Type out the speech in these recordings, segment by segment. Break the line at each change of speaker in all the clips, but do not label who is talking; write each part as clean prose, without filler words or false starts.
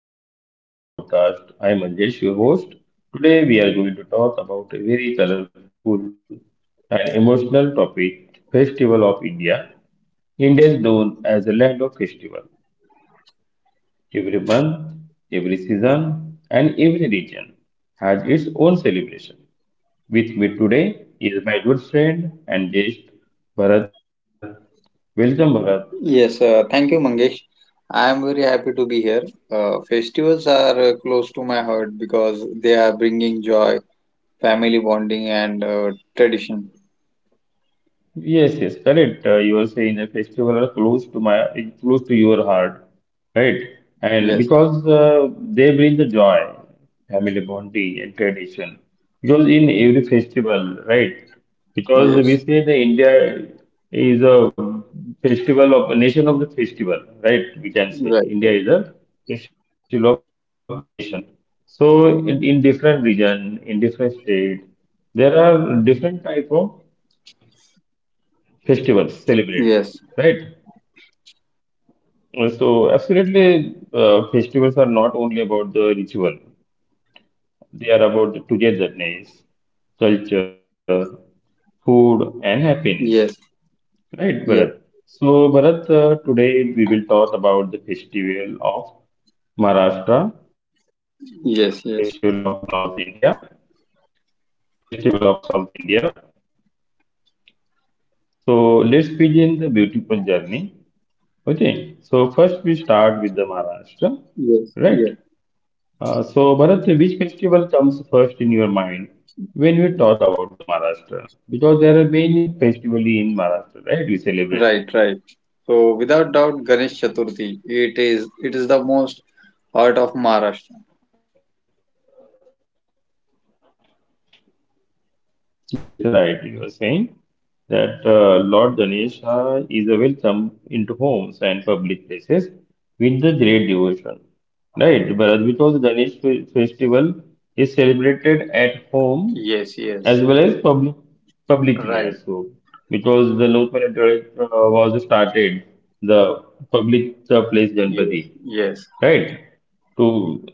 welcome to today's podcast. I am Manjesh, your host. Today we are going to talk about a very colorful and emotional topic, Festival of India. India is known as a land of festival. Every month, every season, and every region has its own celebration. With me today is my good friend and guest Bharat. Welcome Bharat.
Yes, thank you, Mangesh. I am very happy to be here. Festivals are close to my heart because they are bringing joy, family bonding, and tradition.
Yes, yes, correct. You are saying the festival are close to my close to your heart, right? And
Yes,
because they bring the joy, family bonding, and tradition. Because in every festival, right? Because we
yes,
say the India is a festival of a nation of the festival, right? We can
right,
say
right.
India is a festival of nation. So in different region, in different state, there are different type of festivals celebrate,
Yes,
right? So absolutely, festivals are not only about the ritual, they are about the togetherness, culture, food, and happiness,
yes,
right
yes,
Bharat? So Bharat, today we will talk about the festival of Maharashtra,
yes,
festival
yes,
of North India, festival of South India. So let's begin the beautiful journey. Okay, so first we start with the Maharashtra,
yes,
right?
yes.
So, Bharat, which festival comes first in your mind when we talk about the Maharashtra? Because there are many festivals in Maharashtra, right? We celebrate.
Right, right. So, without doubt, Ganesh Chaturthi. It is the most heart of Maharashtra.
Yes, right. You are saying that Lord Ganesha is a welcome into homes and public places with the great devotion. Right, Bharat, because festival is celebrated at home
Yes, yes.
as well as public, publicly
Right.
also. Because the local authority was started the public place
Yes,
Ganpati,
yes.
right? To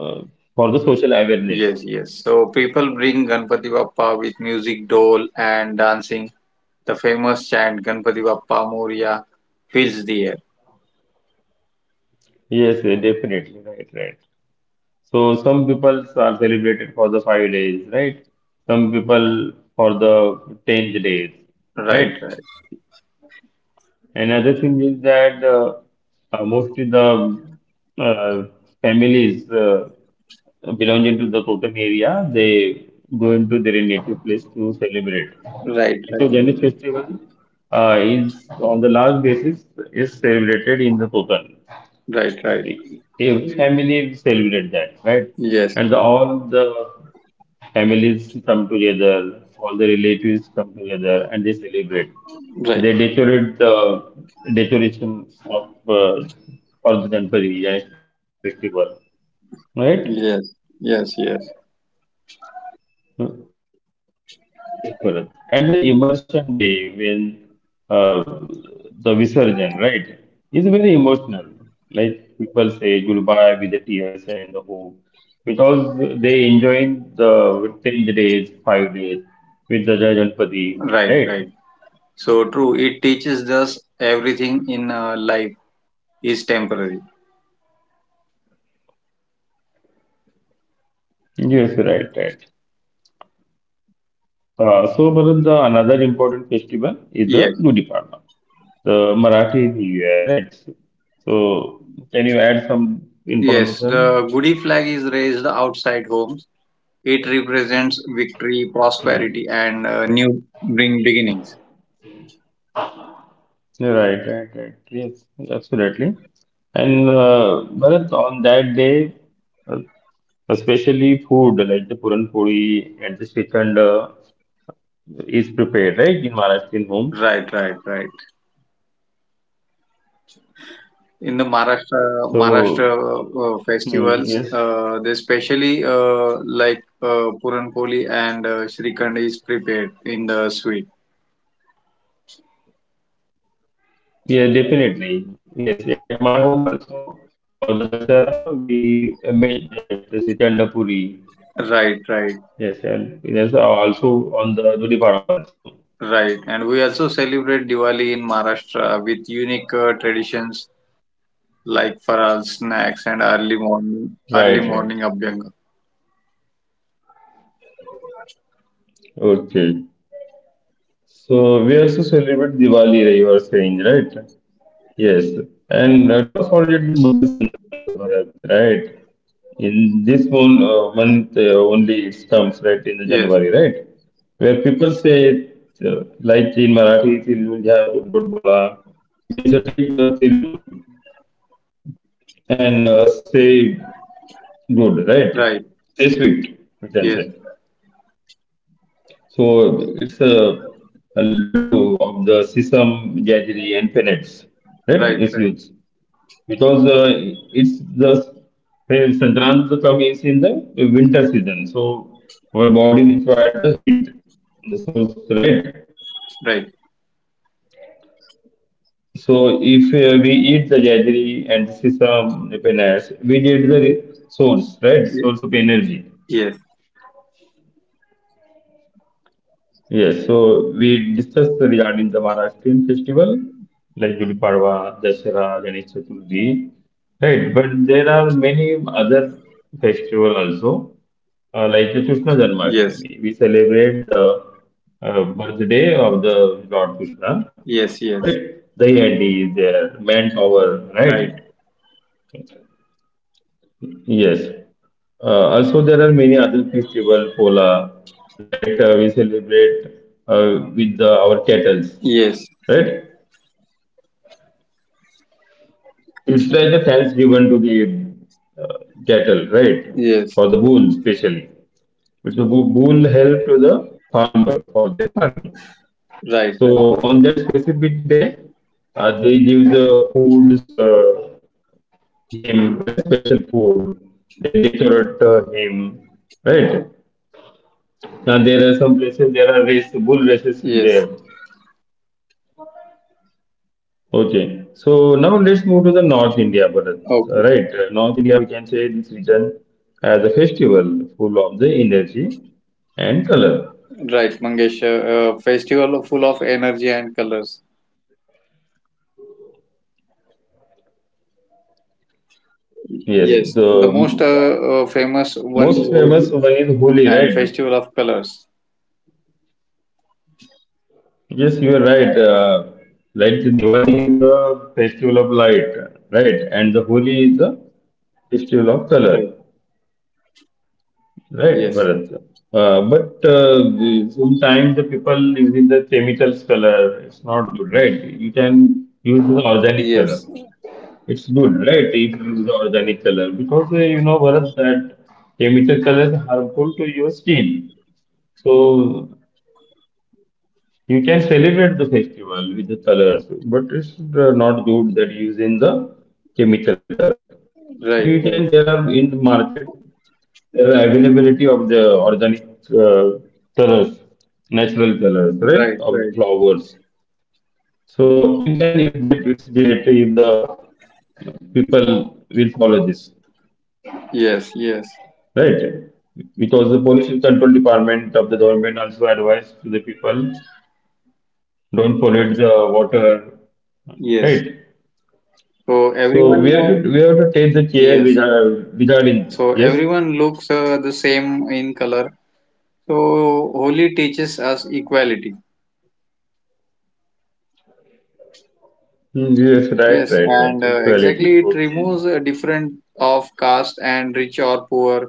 uh, for the social
Yes,
awareness.
yes. So people bring Ganpati Bappa with music, dole, and dancing. The famous chant Ganpati Bappa Moria fills the air.
Yes, definitely, right, right. So some people are celebrated for the 5 days, right? Some people for the 10 days,
Right,
right?
right,
Another thing is that mostly the uh, families belonging to the Koken area, they go into their native place to celebrate.
right,
And
right,
so Jainist festival is on the large basis is celebrated in the Koken.
right, right.
A family celebrate that, right?
Yes,
And the, all the families come together, all the relatives come together, and they celebrate.
right.
They decorate the decoration of for the Ganpati Ganesh festival, right?
Yes, yes, yes.
Yes, Bharat. At the immersion day, when uh, the Visarjan, right, is very emotional. Like people say goodbye with the tears and the hope because they enjoying the 10 days, 5 days with the Jai Ganpati,
Right,
right?
right. So true. It teaches us everything in life is temporary.
Yes, right, right. So, Bharat, the another important festival is the
Yes,
Gudi Padwa, the Marathi New Year, right? So, can you add some
yes. The
information?
Gudi flag is raised outside homes. It represents victory, prosperity, and
Right.
new bring beginnings.
Right, right, right. Yes, absolutely. And Bharat, on that day, uh, especially food like the puran puri and the srikhand is prepared, right, in
Right, right,
Maharashtrian
right.
home.
In the Maharashtra
So, uh,
festivals, they
hmm, yes,
specially like Puranpoli and Srikhand is prepared in the sweet.
yeah, definitely. Yes, at my home also for the Dasara we made that, the srikhand puri.
Right, right,
Yes, and it is also on the Gudi Padwa also.
right. And we also celebrate Diwali in Maharashtra with unique traditions like faral snacks and early morning early
Right, right.
morning abhyanga.
Okay. So we also celebrate Diwali, you were saying, right? Yes. And don't forget the Makar Sankranti, Bharat, right? In this month only it comes, right, in the
Yes,
January, right? Where people say, like in Marathi, Tilmul Jha Dudbod Bola, means take the Tilmul and say good, right?
right,
Say sweet, we can
yes,
say. So it's a laddu of the sesame, jaggery, and peanuts, right, that
right,
is
right,
used because it's the hey, Sankrant comes in the winter season, so our body requires the heat, the source, right?
right.
So if we eat the jaggery and sesame, the peanuts, we get the source, right? Source of
Ye-
energy.
Yes,
Yes, so we discussed regarding the Maharashtrian festival like Gudi Padwa, Dasara, Ganesh Chaturthi, right? But there are many other festival also, like the Krishna
yes,
Janmashtami. We celebrate the birthday of the Lord Krishna,
yes,
right?
yes,
Dayandi is there, manpower, right?
right.
Yes. Also, there are many other festival, Pola, right? We celebrate with the, our cattles,
Yes,
right? It's like the thanks given to the cattle, right?
yes,
For the bull, especially. Which the bull help to the farmer for their farming.
right,
So
right.
on that specific day, they give the foods him, right? Special food. They decorate him, right? Now there are some places there are race bull races is there.
Yes.
Okay, so now let's move to the North India, Bharat. Right,
Okay.
North India, we can say this region as a festival full of the energy and color.
Right, Mangesh. Festival full of energy and colors.
Yes,
Yes. The
the
most famous one is
most famous
Holi
one is Holi,
and
right?
Festival of Colors.
Yes, you are right. Like the Diwali is a festival of light, right? And the Holi is a festival of color.
Right.
Right,
Yes.
Bharat. Sometimes the people using the chemicals color, it's not good, right? You can use the organic color.
Yes.
It's good, right? If you use organic color because you know Bharat that chemical color is harmful to your skin. So you can celebrate the festival with the colors, but it's not good that using the chemical color. So you
Right.
can
Right.
there are in the market the availability of the organic uh, colors, natural colors, right,
Right.
of the
Right.
flowers. So you can use that. It's great if the people will follow this,
Yes. Yes.
right? Because the pollution control department of the government also advised to the people don't pollute the water, right?
Yes. So
So
everyone.
we have to we have to take the
Yes.
regarding,
So
yes.
everyone looks the same in color. So Holi teaches us equality.
Hmm, yes,
Yes,
right, right,
and
right.
exactly it
Equality.
removes
Okay.
a different of caste and rich or poor.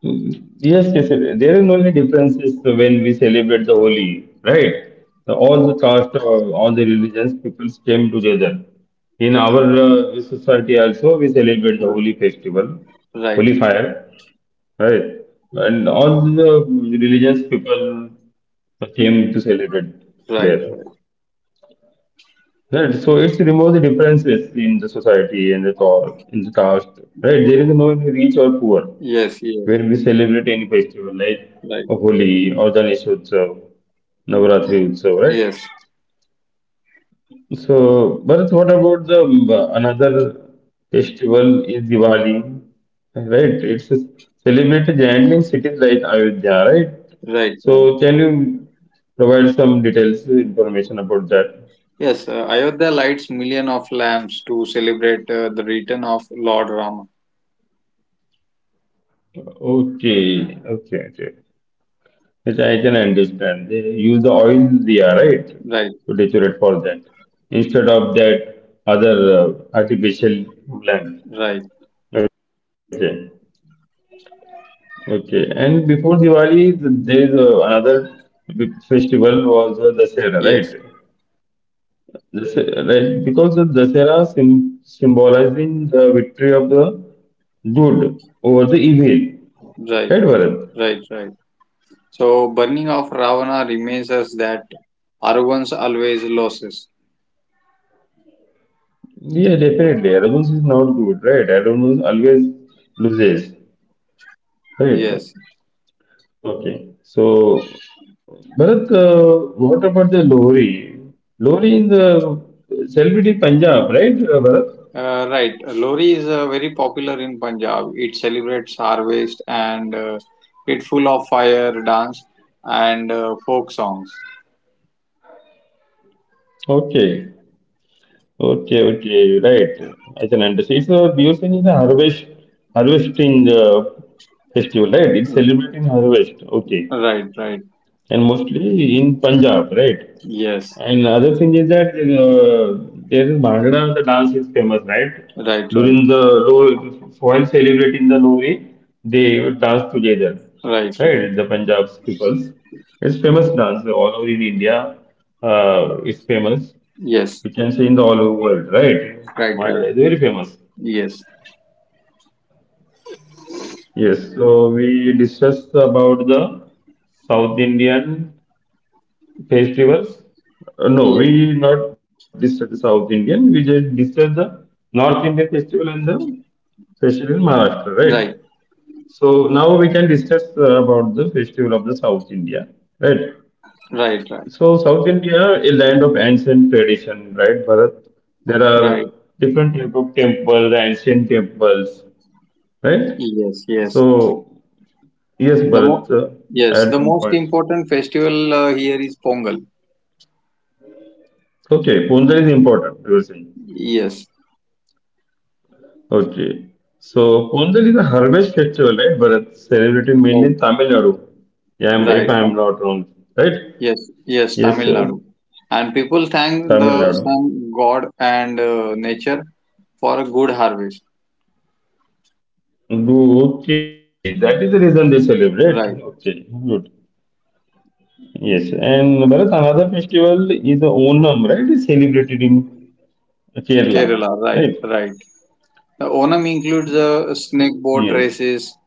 Yes, yes, yes. There is only differences when we celebrate the Holi, right? The, all the caste, all the religions, people came together. In our society also, we celebrate the
R-
Holi festival,
Right,
Holi fire, right? And all the religions, people came to celebrate
right,
there.
right.
Right, so it's remove the differences in the society and the thought, in the caste, right? There is no rich or poor.
Yes, yes,
When we celebrate any festival like
right.
Holi or Ganesh Utsav, Navaratri Utsav, right?
Yes,
So, Bharat, what about the another festival is Diwali, right? It's a celebrated generally in cities like Ayodhya, right?
right, right.
So, can you provide some details information about that?
Yes, Ayodhya lights million of lamps to celebrate the return of Lord Rama.
Okay, okay, okay. Which I can understand. They use the oil diya, right?
Right,
To decorate for that. Instead of that other artificial lamp.
right.
Okay. Okay. And before Diwali, there is another big festival was Dasera, right?
Yes,
Dasera, right? Because the Dasera sim symbolizing the victory of the good over the evil. Right,
right,
Bharat?
right, right. So burning of Ravana reminds us that Arvans always loses.
Yeah, definitely. Arrogance is not good, right? Arrogance always loses. Right.
Yes.
Okay. So, Bharat, what about the lorry? Lorry in the celebrity Punjab, right, Bharat?
Right. Lori is very popular in Punjab. It celebrates harvest and it full of fire dance and folk songs.
Okay. Okay. Okay. Right. I can understand. It's a Biosyn is a harvesting festival, right? It's celebrating harvest. Okay.
Right, right.
And mostly in Punjab, right?
Yes.
And other thing is that there is Bhangra, the dance is famous, right?
Right, right.
During the while celebrating the Lohri, they would dance together,
Right, right.
right? The Punjab's peoples. It's famous dance all over in India. It's famous.
Yes.
We can say in the all over world, right?
Right, right.
Bhangra is very famous.
Yes.
Yes. So we discussed about the South Indian Festivals? No,
Yeah.
we not discuss the South Indian. We just discuss the North Indian festival and the festival in Maharashtra, right?
Right,
So now we can discuss about the festival of the South India, right?
right, right.
So South India, a land of ancient tradition, right, Bharat? There are
Right.
different type of temples, ancient temples, right?
Yes, yes.
So yes,
The mo
Bharat,
yes,
I
the
some
most
points.
important festival here is Pongal.
Okay, Pongal is important. You were saying.
Yes.
Okay. So Pongal is a harvest festival, right, Bharat? Celebrated
Right.
mainly in Tamil Nadu. Yeah,
Right.
if I'm not wrong, right?
Yes, yes,
Yes,
Tamil
sir.
Nadu. And people thank
Tamil
the
Nadu.
sun, God, and nature for a good harvest.
Do- okay, that is the reason they celebrate. Okay, good.
Right.
Yes, and Bharat, another festival is Onam, right? Is celebrated in Kerala, right?
Kerala. Right, right. The Onam includes
So, yes.
snake boat races,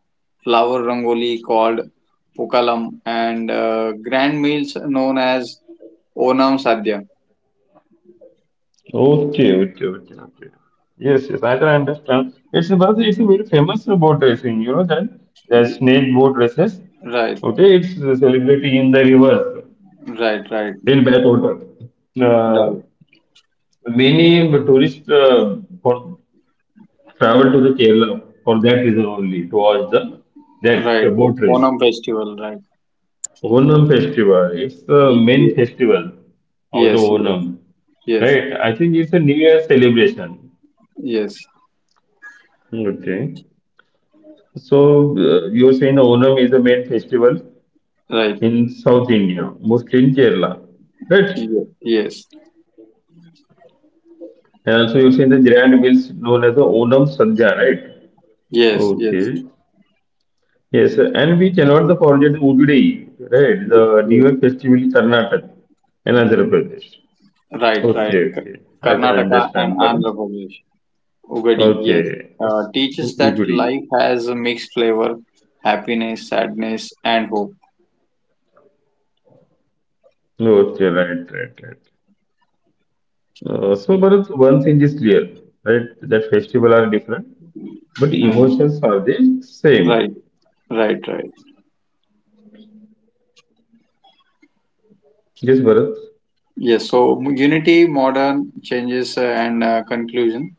flower rangoli called Pukalam, and grand meals known as Onam Sadhya.
Okay, okay, okay, okay. Yes, yes, I can understand. It's because it's a very famous boat racing, you know that the snake boat races.
Right,
Okay, it's celebrated in the rivers
right, right,
in backwater. Uh,
right,
Many tourists for travel to the Kerala for that reason only to watch the that
right.
boat race.
Onam festival, right.
Onam festival, it's the
Y-
main
y-
festival of the
Yes, yes,
Onam,
yes,
right? I think it's a New Year celebration.
yes,
Okay. So you're saying the Onam is the main festival
right.
in South India, mostly in Kerala, right?
Yes,
And also you're saying the grand meals known as the Onam Sadhya, right?
yes, yes,
Okay. Yes, sir. And we cannot the forget the Udai, right? The New
yes,
Year festival in Karnataka and Andhra Pradesh.
right, right.
Okay, okay. I can
Karnataka and
understand,
Andhra
Bharat.
Pradesh. Ugadi, yes,
Okay, it's
teaches that
Udai.
life has a mixed flavor, happiness, sadness, and hope.
Okay, right, right, right. So, Bharat, one thing is clear, right? That festival are different. But
Hmm.
emotions are the same.
Right, right, right.
Yes, Bharat.
Yes, so unity, modern changes, and conclusion.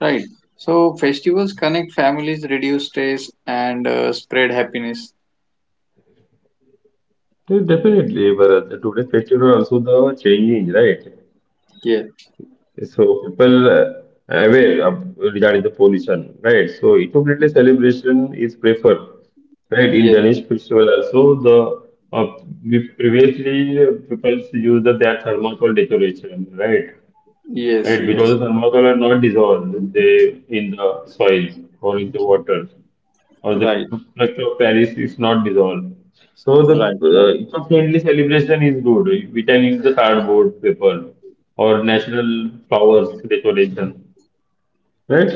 Right. So festivals connect families, reduce stress, and spread happiness.
Yeah, definitely, Bharat. Today's festival are also the changing, right?
Yes,
So people aware of, regarding the pollution, right? So appropriately celebration is preferred, right? In
yes,
Ganesh festival also the uh, we- previously people used that thermocol decoration, right?
yes,
Right,
yes.
because the thermocol are not dissolved they in the soil or in the water. Or the
Right,
structure of Paris is not dissolved. So the
right, right,
eco-friendly celebration is good. We can use the cardboard paper or natural flowers decoration, right?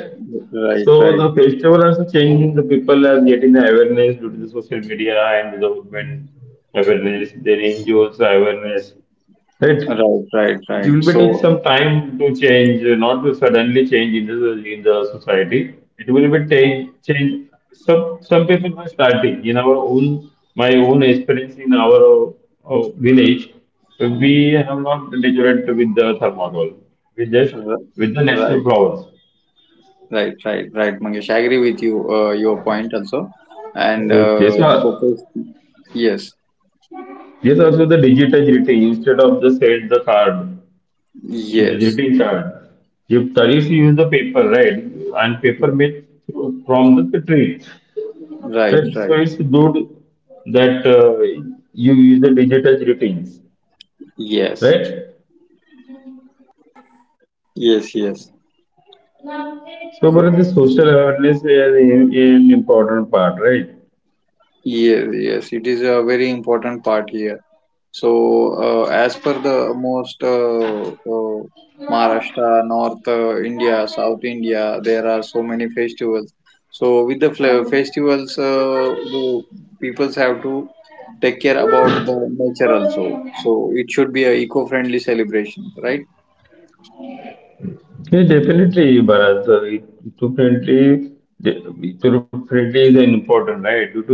right,
So the
right,
festival also changing the people are getting the awareness due to the social media and the government awareness, their NGOs awareness, right?
right, right,
It will
right.
be take
So,
some time to change, not to suddenly change in the society. It will be take change. Some people were starting in our own my own experience in our village. So we have not decorated with the thermocol. We just
r-
with the natural
right.
flowers.
Right, right, right, Mangesh. I agree with you, your point also. And
Okay, so
because, yes,
yes, also the digital greeting instead of the send the card, the
yes,
greeting card. If that is you use the paper, right? And paper
yeah,
made from the tree.
right,
Right, so
right,
it's good that you use the digital routines,
yes,
right?
yes, yes.
So,
So,
but the
so,
social awareness is an important part, right?
yes, yes, it is a very important part here. So, as per the most uh, Maharashtra, North India, South India, there are so many festivals. So, with the festivals, the peoples have to take care about the nature also. So, it should be a eco-friendly celebration, right?
Yeah, definitely, Bharat. To friendly, the- friendly is an important, right? Due to the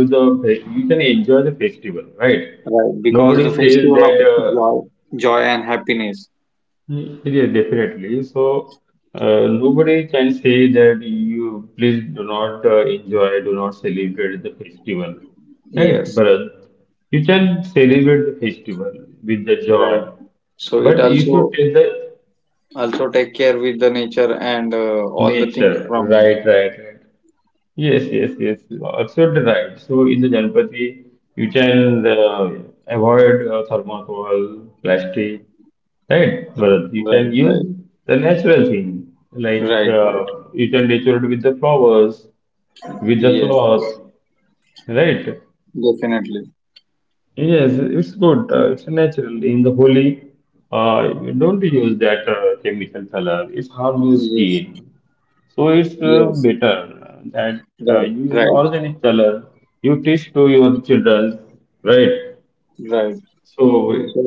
you can enjoy the festival, right?
Right,
Nobody
because the
says that.
festival of
uh,
joy, joy and happiness.
Yeah, definitely. So, nobody can say that you please do not enjoy, do not celebrate the festival, right,
Yes,
Bharat? You can celebrate the festival with the joy,
right. So, it
but you should
also
take the
also take care with the nature and all the things
nature,
from
right,
nature.
right, right. Yes, yes, yes. Absolutely right. So in the Ganpati, you can avoid thermocol, plastic, right? But you
Right,
can use
right,
the natural thing, like
right, right.
you can decorate with the flowers, with the
Yes,
cloth,
yes,
right?
definitely.
Yes, it's good. It's natural. In the Holi, you don't use that chemical color. It's harm your
Yes,
skin. So it's
yes,
better that you
right,
use an
right,
organic color. You teach to your children, right?
right.
So
So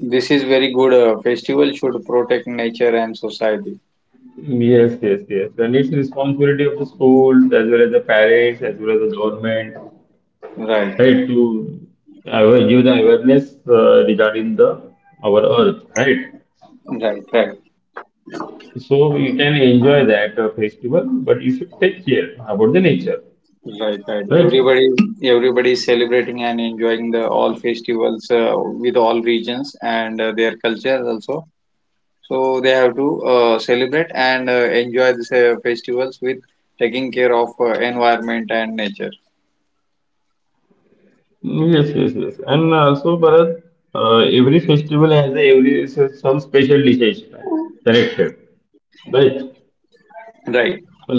this is very good. Festival should protect nature and society.
yes, yes, yes. And it's responsibility of the schools as well as the parents as well as the government,
Right,
right? To give the awareness regarding the our earth, right?
right, right,
So you can enjoy that festival, but you should take care about the nature,
right, right.
right?
Everybody is celebrating and enjoying the all festivals with all regions and their culture also. So they have to celebrate and enjoy these festivals with taking care of environment and nature.
Yes, yes, yes. And also, Bharat, every festival has a, every some special dishes connected, right?
Right,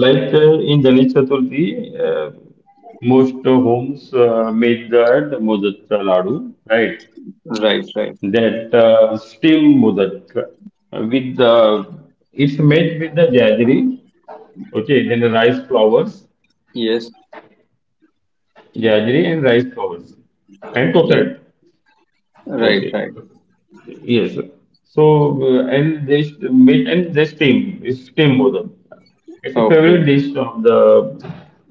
Like in Ganesh Chaturthi, most homes make that modak laddu, right?
right, right.
That steam modak with it's made with the jaggery, okay? Then the rice flowers,
Yes,
jaggery and rice flowers, and
right,
coconut,
right,
okay?
right.
Yes. So and this meat and this steam, it's steam both. It's a favorite
Okay,
dish of the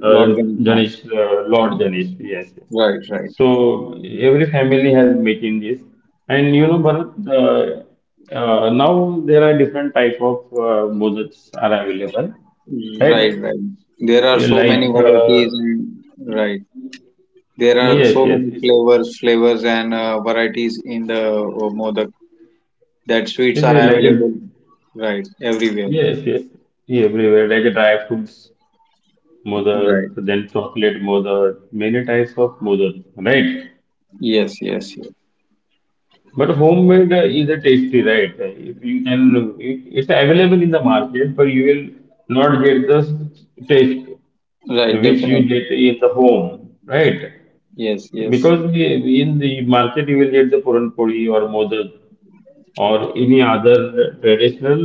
uh,
Lord Ganesha.
Ganesh, Lord Janish. Yes. yes.
Right, right,
So every family has meat in this, and you know, Bharat. Uh, now there are different type of bhojans are available,
right, right,
right?
right. There are so many
Like
varieties and right. There are
yes,
so
yes,
many flavors and varieties in the modak that sweets are
it's like a
available. Right, everywhere.
yes, yes, everywhere like a dry fruits mother,
Right.
then chocolate mother, many types of mother, right?
Yes, yes, yes.
But homemade is a tasty, right? If you can, it's available in the market, but you will not get the taste
Right,
which you
definitely.
get in the home, right?
Yes, yes.
Because in the market you will get the puran puri or modak or any other traditional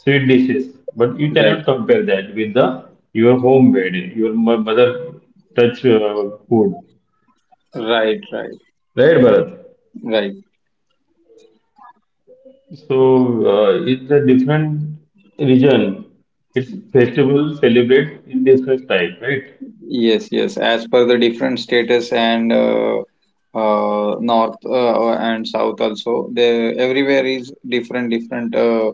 sweet dishes, but you cannot
Right,
compare that with the your homemade, your mother touch food.
right, right,
Right, Bharat.
right.
So it's a different region. Its festival celebrates in different type, right?
Yes, yes. As per the different status and north and south also, they everywhere is different different uh,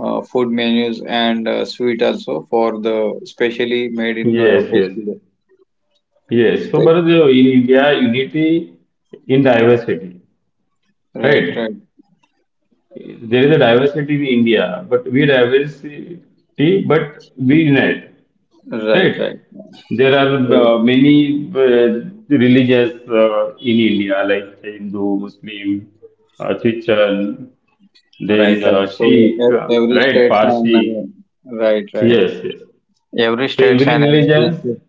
uh, food menus and sweet also for the specially made in
Yes, yes,
festival.
yes. So
Spe-
Bharat, you know, in India, unity in diversity,
right, right,
right? There is a diversity in India, but we unite.
right,
Right.
right.
There are
So,
many religious in India, like Hindu, Muslim, Christian,
right,
then
right. So
Sikh,
e- every
right?
states and
Parsi.
right, right.
Yes, yes.
Every
So
states
every
and every
religion,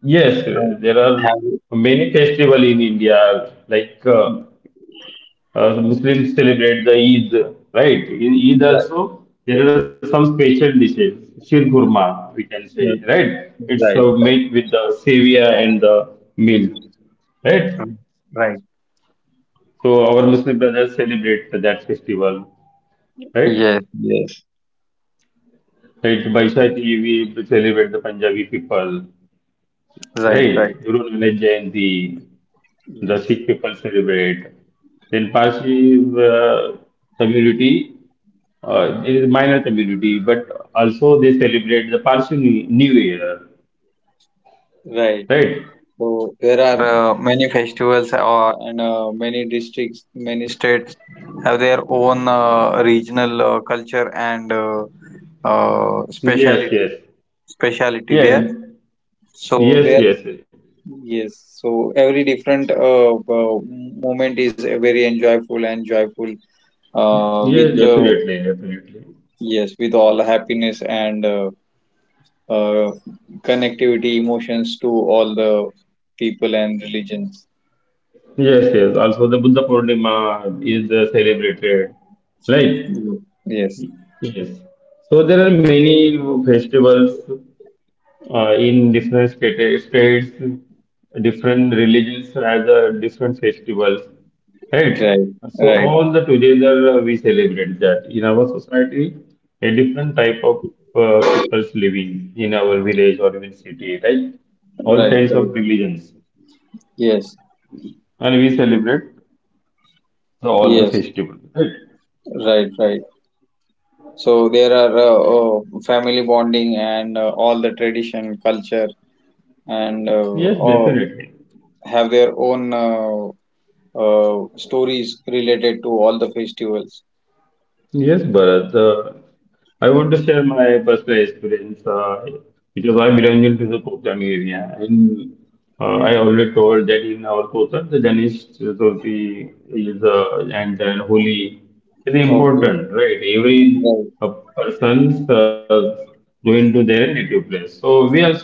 yes,
uh,
there are
have
many festival in India, like so Muslims celebrate the Eid, right? In Eid also, there are some special dishes, shir kurma, we can say, right? It's
right, right,
made with the sevia and the milk, right?
right.
So our Muslim brothers celebrate that festival, right?
Yes, yes.
Right, Baishati, we celebrate the Punjabi people,
Right, right.
right? Guru Nanak Jayanti, the
Yes,
Sikh people celebrate. Then Parsi community it is minor community, but also they celebrate the Parsi New Year,
right.
right?
So there are many festivals or and many districts, many states have their own regional culture and
Yes, yes,
speciality speciality
yes,
there. So
yes,
there,
yes,
yes. So every different moment is very enjoyable and joyful
yes,
with
definitely, definitely.
yes with all happiness and uh, connectivity, emotions to all the people and religions.
Yes, yes. Also, the Buddha Purnima is celebrated, right?
Ye- Yes,
Yes. So there are many festivals uh, in different states, different religions have the different festivals, right?
right,
So
right,
all the together we celebrate that in our society, a different type of people's living in our village or even city, right? All
right,
kinds of
right.
religions,
Yes,
and we celebrate the, all the
yes,
festivals, right?
right, right. So there are family bonding and all the tradition, culture, and
Yes,
all
definitely.
have their own stories related to all the festivals.
Yes, Bharat. I want to share my personal experience because I belong to the Kotan area. And I already told that in our Kotan, the Ganesh Chaturthi is and then Holi is
Okay,
important, right? Every
right,
person going to their native place. So we also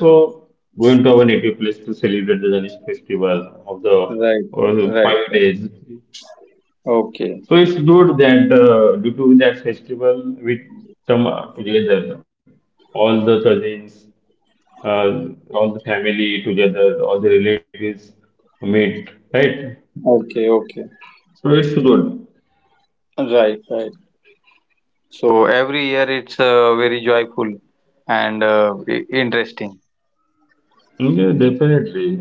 going to our native place to celebrate the Ganesh festival of the
right, right.
5 days.
Okay,
So it's good that due to that festival, we come together, all the cousins, uh, all the family together, all the relatives meet, right?
okay, okay.
So it's good.
Right, right. So every year it's very joyful and interesting.
Yeah, definitely.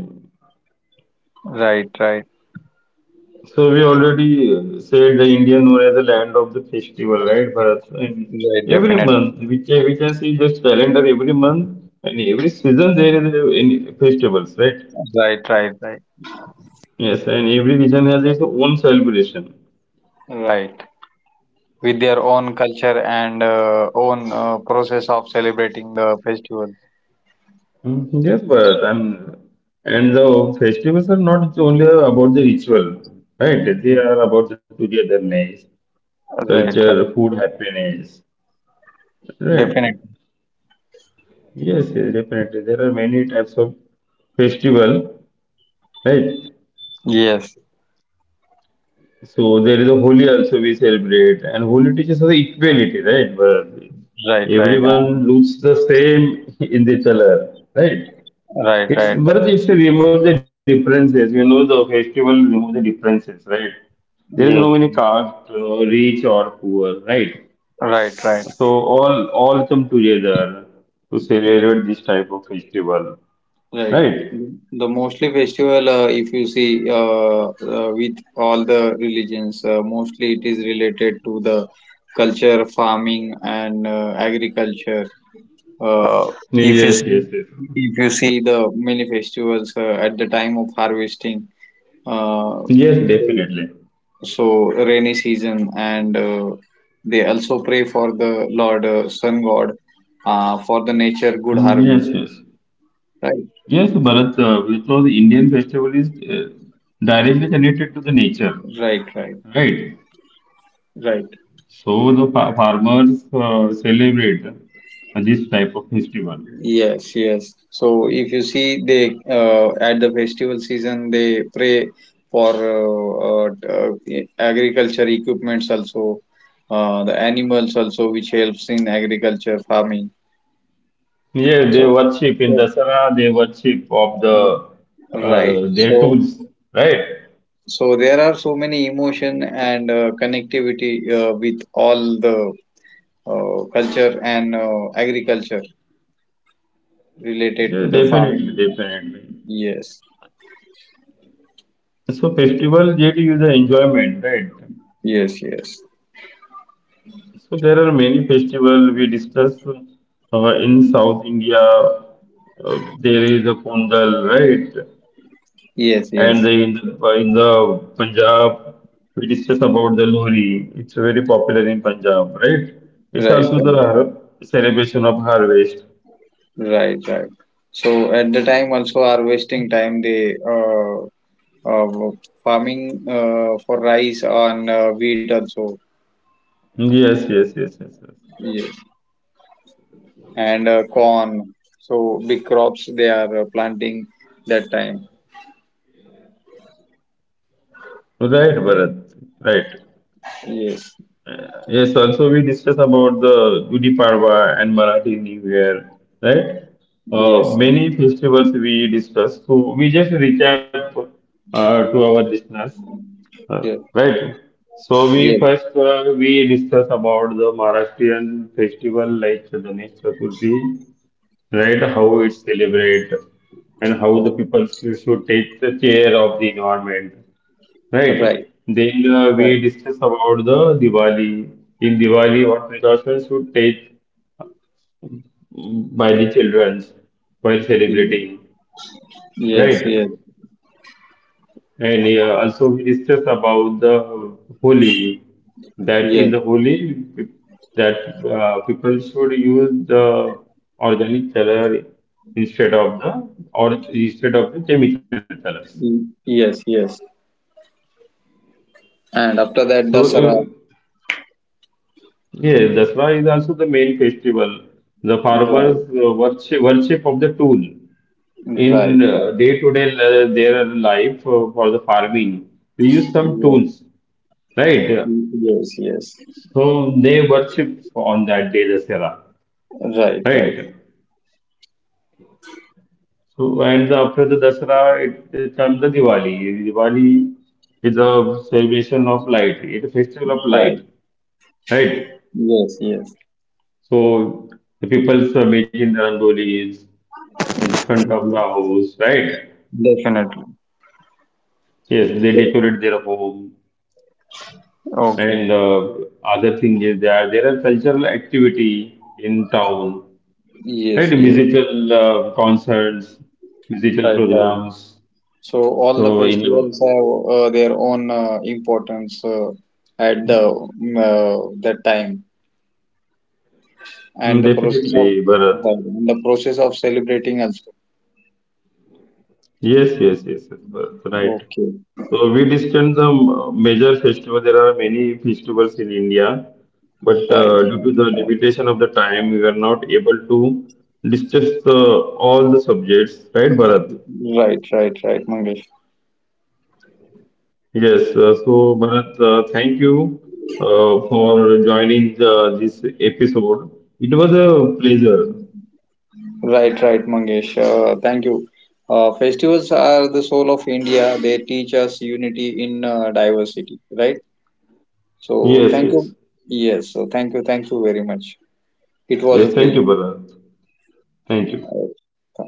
Right, right,
So we already said the India known as the land of the festival, right, Bharat? And
right,
every
definitely.
month we can see this calendar every month and every season there is a, any festivals, right?
Right, right, right,
Yes, and every region has its own celebration.
right. With their own culture and own process of celebrating the festival.
Mm, yes, but and the festivals are not only about the ritual, right? They are about the togetherness,
Right,
culture,
right.
food, happiness, right?
Definitely.
Yes, yes, definitely. There are many types of festival, right?
Yes.
So there is a Holi also we celebrate, and Holi teaches us the equality, right? But
Right, right.
everyone
And
looks the same in the color, right?
right,
It's
right.
Bharat is to remove the differences. You know, the festival remove the differences, right? There is no any
Yes.
caste, rich or poor, right?
Right, right.
So all come together to celebrate this type of festival,
Right.
right?
The mostly festival, if you see with all the religions, mostly it is related to the culture, farming, and agriculture. Uh, if
Yes,
you
yes,
see,
yes.
if you see the many festivals at the time of harvesting, uh,
Yes,
so,
definitely.
so rainy season, and they also pray for the Lord Sun God for the
Mm,
nature good
yes, yes.
harvest. Right.
Yes, Bharat, so the Indian festival is directly connected to the nature,
Right. Right.
right?
Right.
So the farmers celebrate this type of festival.
Yes, yes. So if you see, they at the festival season they pray for agriculture equipments also, the animals also, which helps in agriculture farming.
Yeah, they
So,
worship in
so,
Dasara, they worship of the
right.
their
So
tools, right?
so there are so many emotion and connectivity with all the culture and agriculture related
Yeah,
to the
definitely,
farming.
definitely.
Yes,
So festival get you the enjoyment, right?
yes, yes,
So there are many festival we discuss in South India. There is a Pondal, right?
yes, yes.
And the, in the in the Punjab, we discuss about the Lohri. It's very popular in Punjab, right?
Right,
It's also the
right, right,
celebration of harvest.
right, right. So at the time also harvesting time they uh farming for rice and wheat also
Yes, yes, yes, yes, yes.
yes and corn. So big crops they are planting that time.
Right, Bharat. Right.
Yes,
Yes. Also, we discuss about the Gudi Padwa and Marathi New Year, right?
yes,
Many festivals we discuss. So we just recap to our listeners. Uh,
yes,
right. So we
yes.
first we discuss about the Maharashtrian festival like Ganesh Chaturthi, right? How it's celebrate and how the people should take the care of the environment,
Right,
right? Then we
right.
discuss about the Diwali. In Diwali, what precautions should take by the children while
Ye-
celebrating,
Yes, yes,
right? And also we discussed about the Holi, that in
yes,
the that people should use the organic color instead of the instead of the chemical colors.
yes, yes. And after that,
So if,
Dasara.
yes, that's why is also the main festival. The
Right,
farmers worship of the tool in
right, right.
day to day their life for the farming. We use some
Yes,
tools, right?
yes, yes.
So they worship on that day Dasara,
Right, right,
right? So and after the Dasara, it comes the Diwali. Diwali is a celebration of light. It's a festival of
right.
light, right?
Yes, yes.
So the people are making the rangolis in the front of the
Mhm.
house, right?
Definitely.
Yes, they decorate their home.
Okay.
And other thing is there are cultural activity in town, right?
Yes, yes.
Musical concerts, musical
Right, right.
programs.
So all the
So in mm,
festivals have their own importance at the that time, and the process of
definitely, Bharat.
right, and the process of celebrating also.
Yes, yes, yes, yes, Bharat, right.
Okay.
So we discussed the major festival. There are many festivals in India, but
Right.
due to the limitation of the time, we were not able to discuss all the subjects, right, Bharat?
Right, right, right, Mangesh.
Yes. So Bharat, thank you for joining this episode. It was a pleasure.
Right, right, Mangesh. Thank you. Festivals are the soul of India. They teach us unity in diversity, right? So
Yes,
thank
yes,
you. Yes. So thank you. Thank you very much. It was a
yes. Thank you,
pleasure.
Bharat. Thank you.
Uh,